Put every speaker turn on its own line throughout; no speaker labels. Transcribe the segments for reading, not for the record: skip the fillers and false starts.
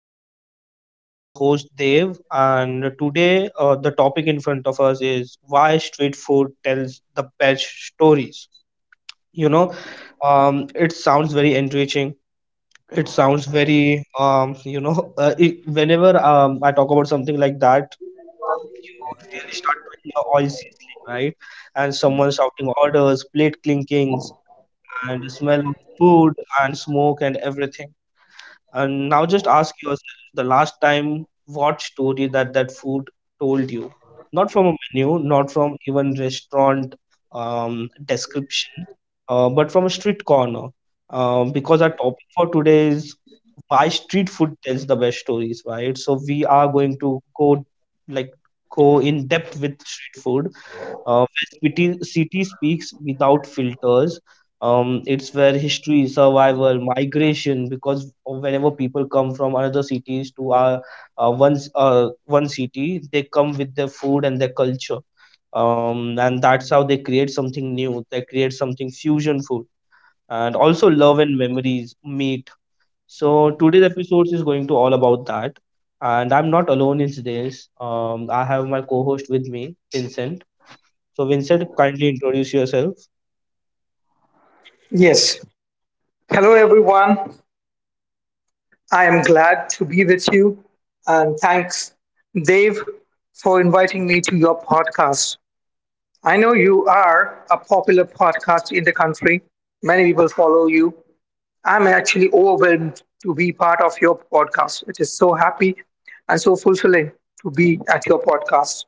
to our podcast. This is your host Dev, and today the topic in front of us is why street food tells the best stories. You know, it sounds very enriching. It sounds very, whenever I talk about something like that, you really start to hear oil sizzling, right? And someone shouting orders, plate clinkings, and the smell of food and smoke and everything, and now just ask yourself the last time what story that food told you. Not from a menu, not from even restaurant description, but from a street corner. Because our topic for today is why street food tells the best stories, right? So we are going to go like go in depth with street food where city speaks without filters. It's where history, survival, migration, because whenever people come from another cities to our one city, they come with their food and their culture, and that's how they create something new. They create something fusion food, and also love and memories meet. So today's episode is going to all about that, and I'm not alone in this. I have my co-host with me, Vincent. So, Vincent, kindly introduce yourself.
Yes. Hello, everyone. I am glad to be with you. And thanks, Dave, for inviting me to your podcast. I know you are a popular podcast in the country. Many people follow you. I'm actually overwhelmed to be part of your podcast. It is so happy and so fulfilling to be at your podcast.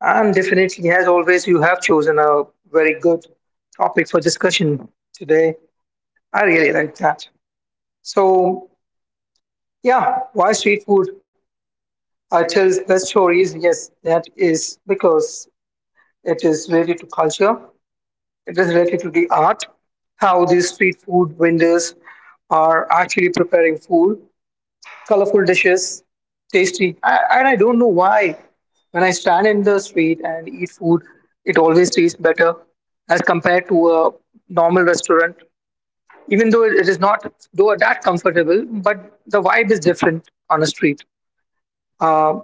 And definitely, as always, you have chosen a very good topic for discussion today. I really like that. So yeah, why street food? I tell best stories. Yes, that is because it is related to culture. It is related to the art, how these street food vendors are actually preparing food, colorful dishes, tasty. And I don't know why. When I stand in the street and eat food, it always tastes better as compared to a normal restaurant. Even though it is not though that comfortable, but the vibe is different on a street. Uh,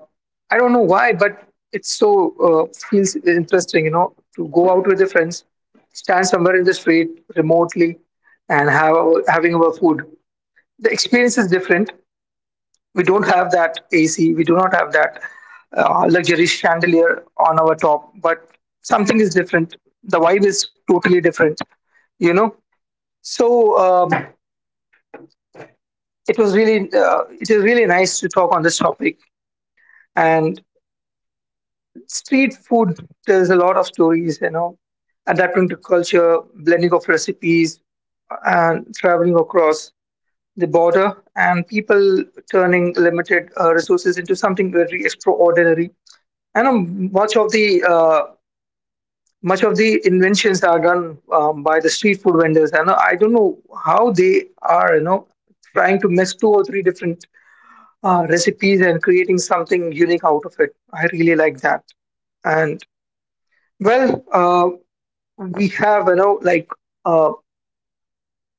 I don't know why, but it's so feels interesting, to go out with your friends, stand somewhere in the street remotely, and having our food. The experience is different. We don't have that AC. We do not have that luxury chandelier on our top, but something is different. The vibe is totally different, you know. So um, it was really it is really nice to talk on this topic, and street food, there's a lot of stories, you know, adapting to culture, blending of recipes, and traveling across the border, and people turning limited resources into something very extraordinary. I know much of the inventions are done by the street food vendors. I don't know how they are, you know, trying to mix two or three different recipes and creating something unique out of it. I really like that. And well, uh, we have, uh,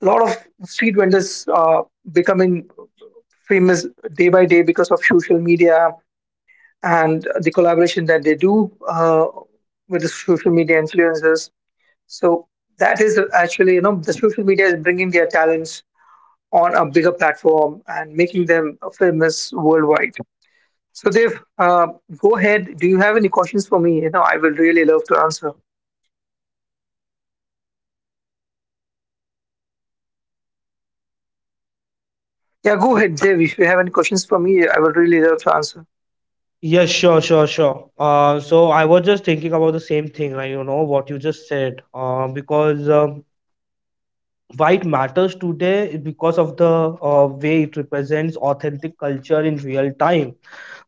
a lot of street vendors becoming famous day by day because of social media and the collaboration that they do with the social media influencers. So that is actually, you know, the social media is bringing their talents on a bigger platform and making them famous worldwide. So Dev, go ahead do you have any questions for me you know I will really love to answer Yeah, go ahead, Dev. If you have any questions for me, I will really love to answer.
Yes, sure, sure, sure. So I was just thinking about the same thing, like you know what you just said. Because Why it matters today is because of the way it represents authentic culture in real time.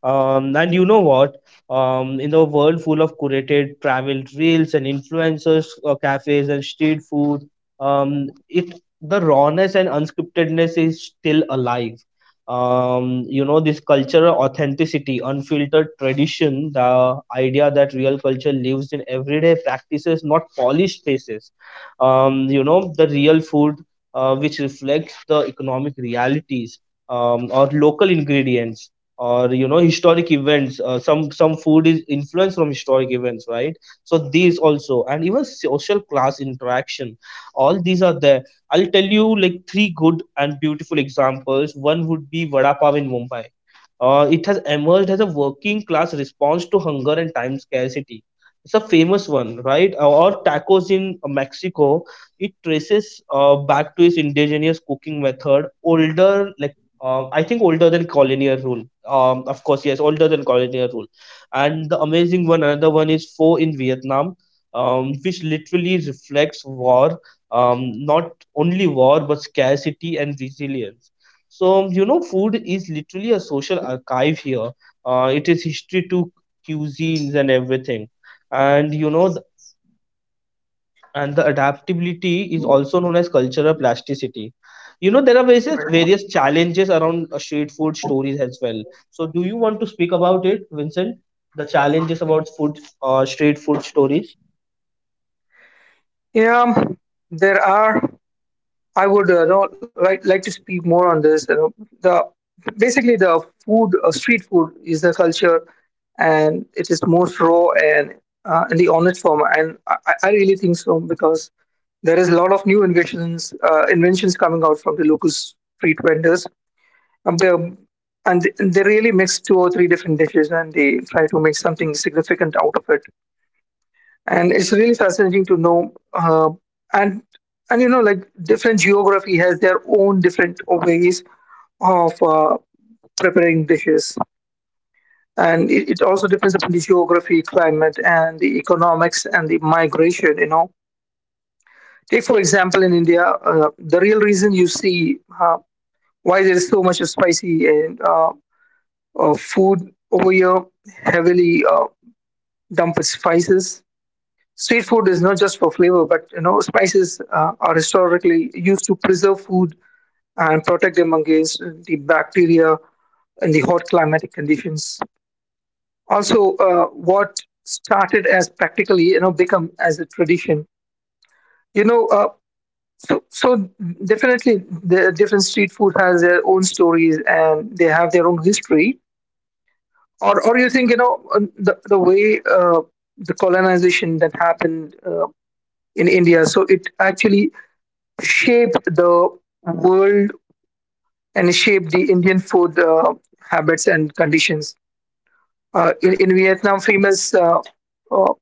And you know what? In a world full of curated travel reels and influencers, cafes and street food, it the rawness and unscriptedness is still alive. You know, this cultural authenticity, unfiltered tradition, the idea that real culture lives in everyday practices, not polished spaces. You know, the real food which reflects the economic realities, or local ingredients, or you know historic events. Some food is influenced from historic events, right? So these also, and even social class interaction, all these are there. I'll tell you like three good and beautiful examples. One would be vada pav in Mumbai. It has emerged as a working class response to hunger and time scarcity. It's a famous one, right? Or tacos in Mexico. It traces back to its indigenous cooking method, older like I think older than colonial rule. Of course, yes, older than colonial rule. And the amazing one, another one is four in Vietnam, which literally reflects war, not only war but scarcity and resilience. So you know, food is literally a social archive here. It is history to cuisines and everything. And you know, and the adaptability is also known as cultural plasticity. You know, there are various challenges around street food stories as well. So, do you want to speak about it, Vincent? The challenges about food, street food stories.
Yeah, there are. I would like to speak more on this. You know, the basically the food, street food, is the culture, and it is most raw and in the honest form. And I really think so because there is a lot of new inventions coming out from the local street vendors. And they and they really mix two or three different dishes, and they try to make something significant out of it, and it's really fascinating to know and and you know, like, different geography has their own different ways of preparing dishes, and it also depends upon the geography, climate, and the economics, and the migration, you know. Take for example in India, the real reason you see, why there is so much of spicy and food over here heavily dumped with spices. Street food is not just for flavor, but you know, spices are historically used to preserve food and protect them against the bacteria and the hot climatic conditions. Also, what started as practically, you know, become as a tradition. You know, uh, so so Definitely the different street food has their own stories and they have their own history. Or you think, you know, the way the colonization that happened in India, so it actually shaped the world and shaped the Indian food habits and conditions. In Vietnam, famous uh,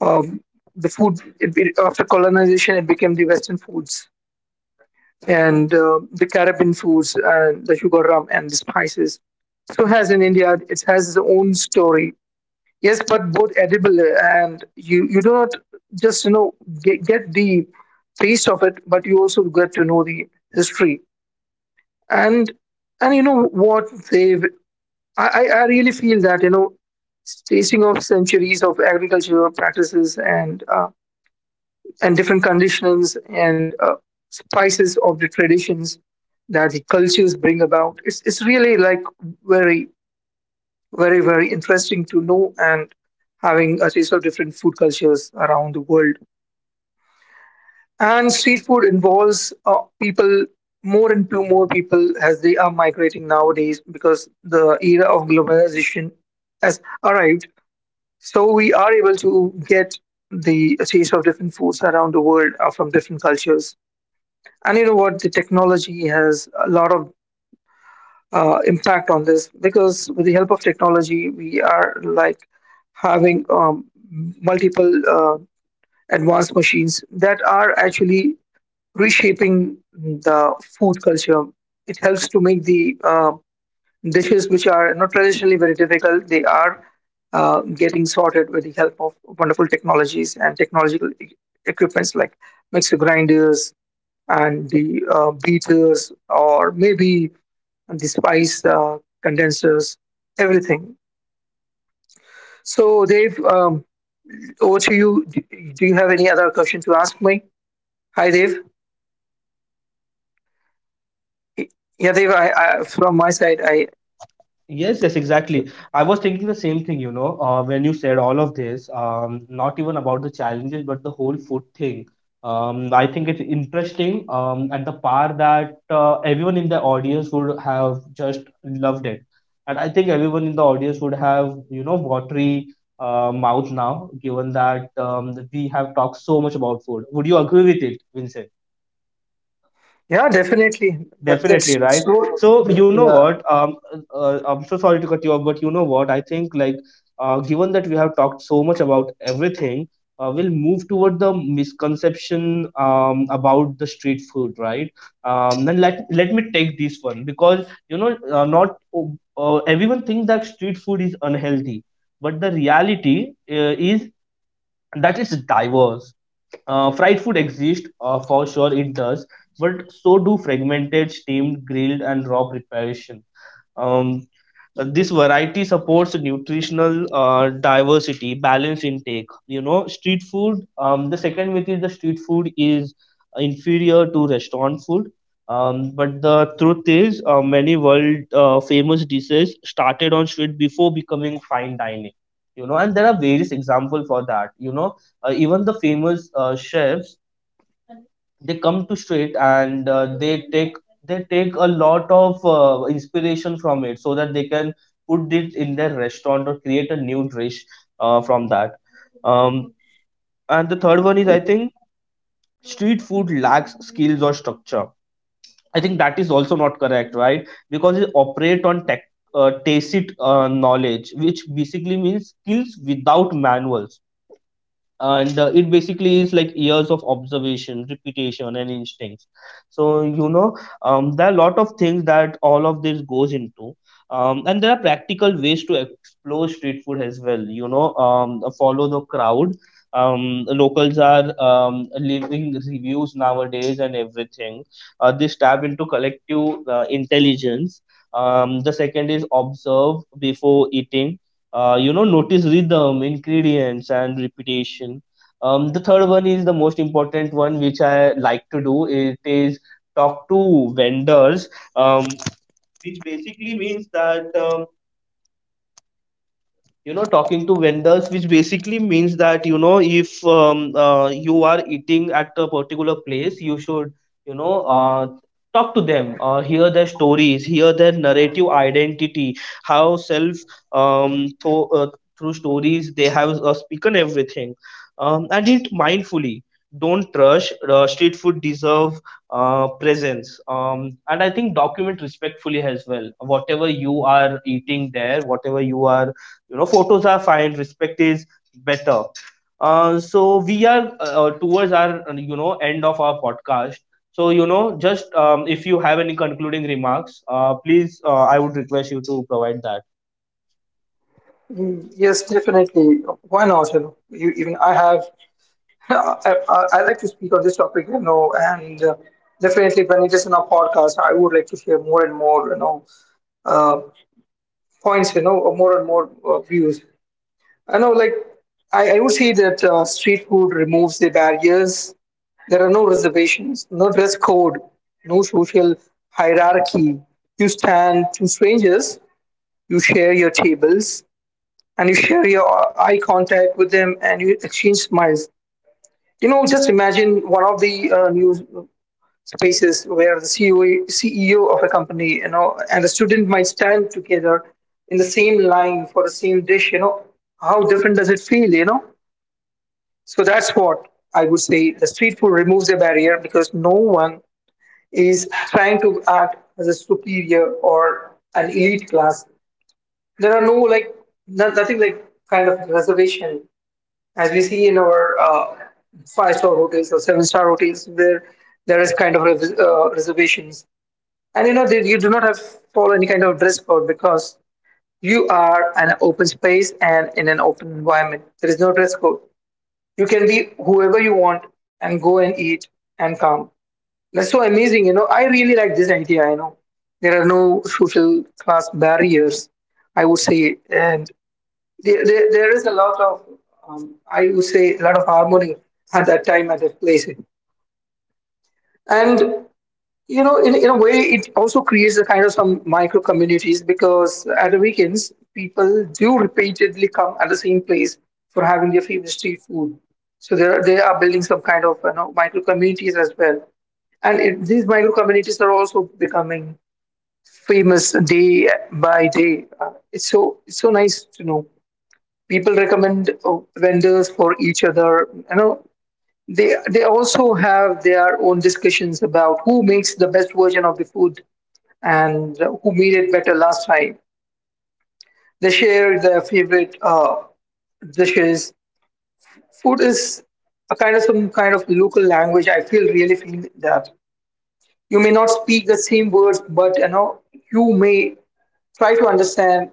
um, the after colonization, it became the Western foods and the Caribbean foods and the sugar, rum, and the spices. So has in India, it has its own story. Yes, but both edible, and you do not just, you know, get the taste of it, but you also get to know the history. and and you know what they've I really feel that, you know, tracing of centuries of agricultural practices and, different conditions, and spices of the traditions that the cultures bring about, it's really like very, very, very interesting to know, and having a taste of different food cultures around the world. And street food involves people, more and two more people, as they are migrating nowadays because the era of globalization has arrived. So we are able to get the taste of different foods around the world, from different cultures. And you know what, the technology has a lot of impact on this, because with the help of technology we are like having multiple advanced machines that are actually reshaping the food culture. It helps to make the dishes which are not traditionally very difficult. They are getting sorted with the help of wonderful technologies and technological equipments like mixer grinders and the beaters, or maybe the spice condensers, everything. So, Dave, over to you. Do you have any other question to ask me? Hi, Dave. Yeah, Dave. From my side, I
Yes, yes, exactly. I was thinking the same thing, you know, when you said all of this, not even about the challenges, but the whole food thing. I think it's interesting, at the par that everyone in the audience would have just loved it. And I think everyone in the audience would have, you know, watery mouth now, given that we have talked so much about food. Would you agree with it, Vincent?
yeah, definitely.
Definitely
That's
right.
so.
So you know
Yeah.
what? I'm so sorry to cut you off, but you know what? I think like, given that we have talked so much about everything, we'll move toward the misconception about the street food, right? Then let me take this one because you know not everyone thinks that street food is unhealthy, but the reality is that it's diverse. Fried food exists, for sure, it does, but so do fragmented, steamed, grilled, and raw preparation. Um, This variety supports nutritional diversity, balanced intake. You know, street food. The second myth is the street food is inferior to restaurant food. But the truth is, many world famous dishes started on street before becoming fine dining. You know, and there are various examples for that. You know, even the famous chefs, they come to straight and they take, they take a lot of inspiration from it so that they can put it in their restaurant or create a new dish from that. um, and the third one is, I think street food lacks skills or structure. I think that is also not correct, right? Because it operate on tech tacit knowledge, which basically means skills without manuals, and it basically is like years of observation, repetition and instincts. So you know, there are a lot of things that all of this goes into. And there are practical ways to explore street food as well, you know. Follow the crowd. Locals are, leaving reviews nowadays and everything. This tap into collective intelligence. The second is observe before eating. You know, notice rhythm, ingredients and repetition. The third one is the most important one, which I like to do it is talk to vendors, um, which basically means that, you know, talking to vendors, which basically means that you know, if you are eating at a particular place, you should, you know, talk to them, hear their stories, hear their narrative identity, how self, um, tho- uh, through stories they have spoken everything. Um, and it mindfully don't rush, street food deserve presence. And I think document respectfully as well, whatever you are eating there, whatever you are, you know, photos are fine, respect is better. So we are towards our, you know, end of our podcast. So you know just, if you have any concluding remarks, please, I would request you to provide that.
Yes, definitely. Why not? You know, you, even I have. I like to speak on this topic. You know, and definitely when it is in a podcast, I would like to hear more and more. You know, uh, points. You know, or more and more views. I know, like I would say that street food removes the barriers. There are no reservations, no dress code, no social hierarchy. You stand to strangers, you share your tables, and you share your eye contact with them, and you exchange smiles. You know, just imagine one of the news spaces where the CEO of a company, you know, and the student might stand together in the same line for the same dish. You know, how different does it feel? You know, so that's what I would say, the street food removes the barrier because no one is trying to act as a superior or an elite class. There are no like no, nothing like kind of reservation as we see in our five-star hotels or seven-star hotels where there is kind of reservations. And you know that you do not have to follow any kind of dress code because you are an open space, and in an open environment there is no dress code. You can be whoever you want, and go and eat, and come. That's so amazing, you know. I really like this idea, you know. There are no social class barriers, I would say. And there is a lot of, I would say, a lot of harmony at that time, at that place. And you know, in a way, it also creates a kind of some micro communities, because at the weekends people do repeatedly come at the same place for having their favorite street food. They are building some kind of, you know, micro communities as well. And these micro communities are also becoming famous day by day. It's so nice to know, people recommend vendors for each other. You know, they also have their own discussions about who makes the best version of the food and who made it better last time. They share their favorite dishes. Food is a kind of some kind of local language, I feel, really feel that. You may not speak the same words, but you know, you may try to understand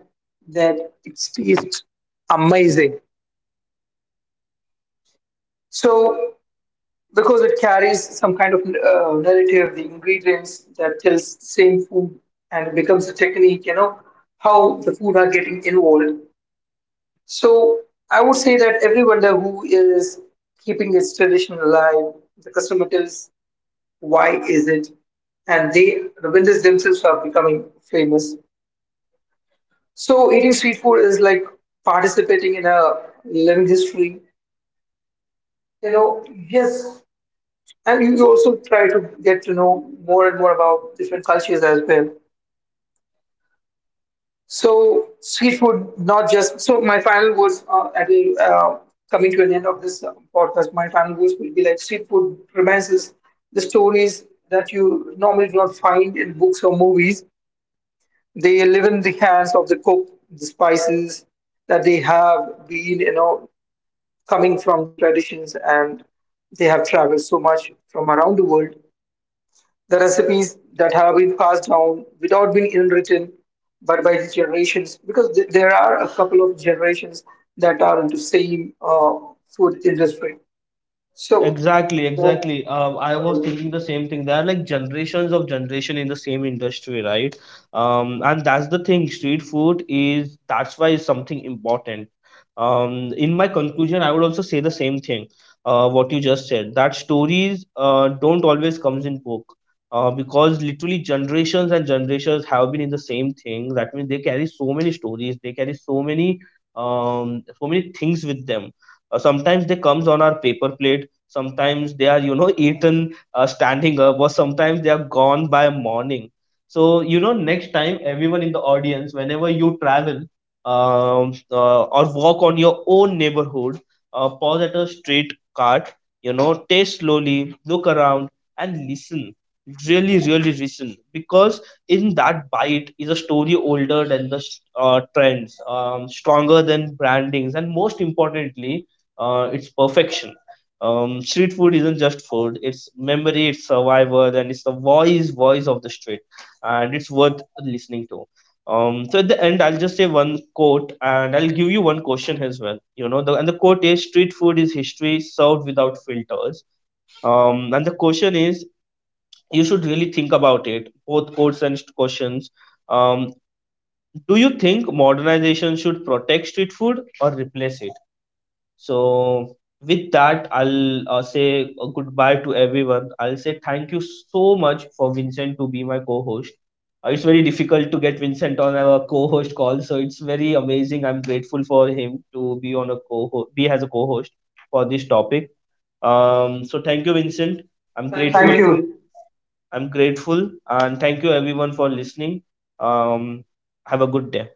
that it tastes amazing. So because it carries some kind of narrative, the ingredients that tells same food, and it becomes a technique, you know, how the food are getting involved. So I would say that every vendor who is keeping its tradition alive, the customer tells why is it, and the vendors themselves are becoming famous. So eating street food is like participating in a living history. You know, yes, and you also try to get to know more and more about different cultures as well. So street food, not just. So my final words, coming to an end of this podcast, my final words will be like, street food romances the stories that you normally do not find in books or movies. They live in the hands of the cook, the spices that they have been, you know, coming from the traditions, and they have traveled so much from around the world. The recipes that have been passed down without being unwritten, but by the generations, because there are a couple of generations that are in the same food industry. So,
Exactly,
that's
exactly. I was
right.
thinking the same thing. There are like generations of generation in the same industry, right? And that's the thing. Street food is, that's why it's something important. In my conclusion, I would also say the same thing. What you just said, that stories don't always comes in book. Because literally generations and generations have been in the same thing. That means they carry so many stories. They carry so many, so many things with them. Sometimes they comes on our paper plate, sometimes they are you know eaten standing up, or sometimes they are gone by morning. So you know next time, everyone in the audience, whenever you travel, or walk on your own neighborhood, pause at a street cart, you know, taste slowly, look around, and listen, really really listen, because in that bite is a story older than the trends, stronger than brandings, and most importantly, it's perfection. Street food isn't just food. It's memory, it's survival, and it's the voice of the street, and it's worth listening to. So at the end, I'll just say one quote, and I'll give you one question as well. You know, the and the quote is: "Street food is history served without filters." And the question is: you should really think about it. Both quotes and questions. Um, do you think modernization should protect street food or replace it? So, with that, I'll say a goodbye to everyone. I'll say thank you so much for Vincent to be my co host. It's very difficult to get Vincent on our co host call, so it's very amazing. I'm grateful for him to be on a co be as a co host for this topic. So, thank you, Vincent. I'm Thank you.
Thank
Grateful.
you.
I'm grateful. And thank you, everyone, for listening. Um, have a good day.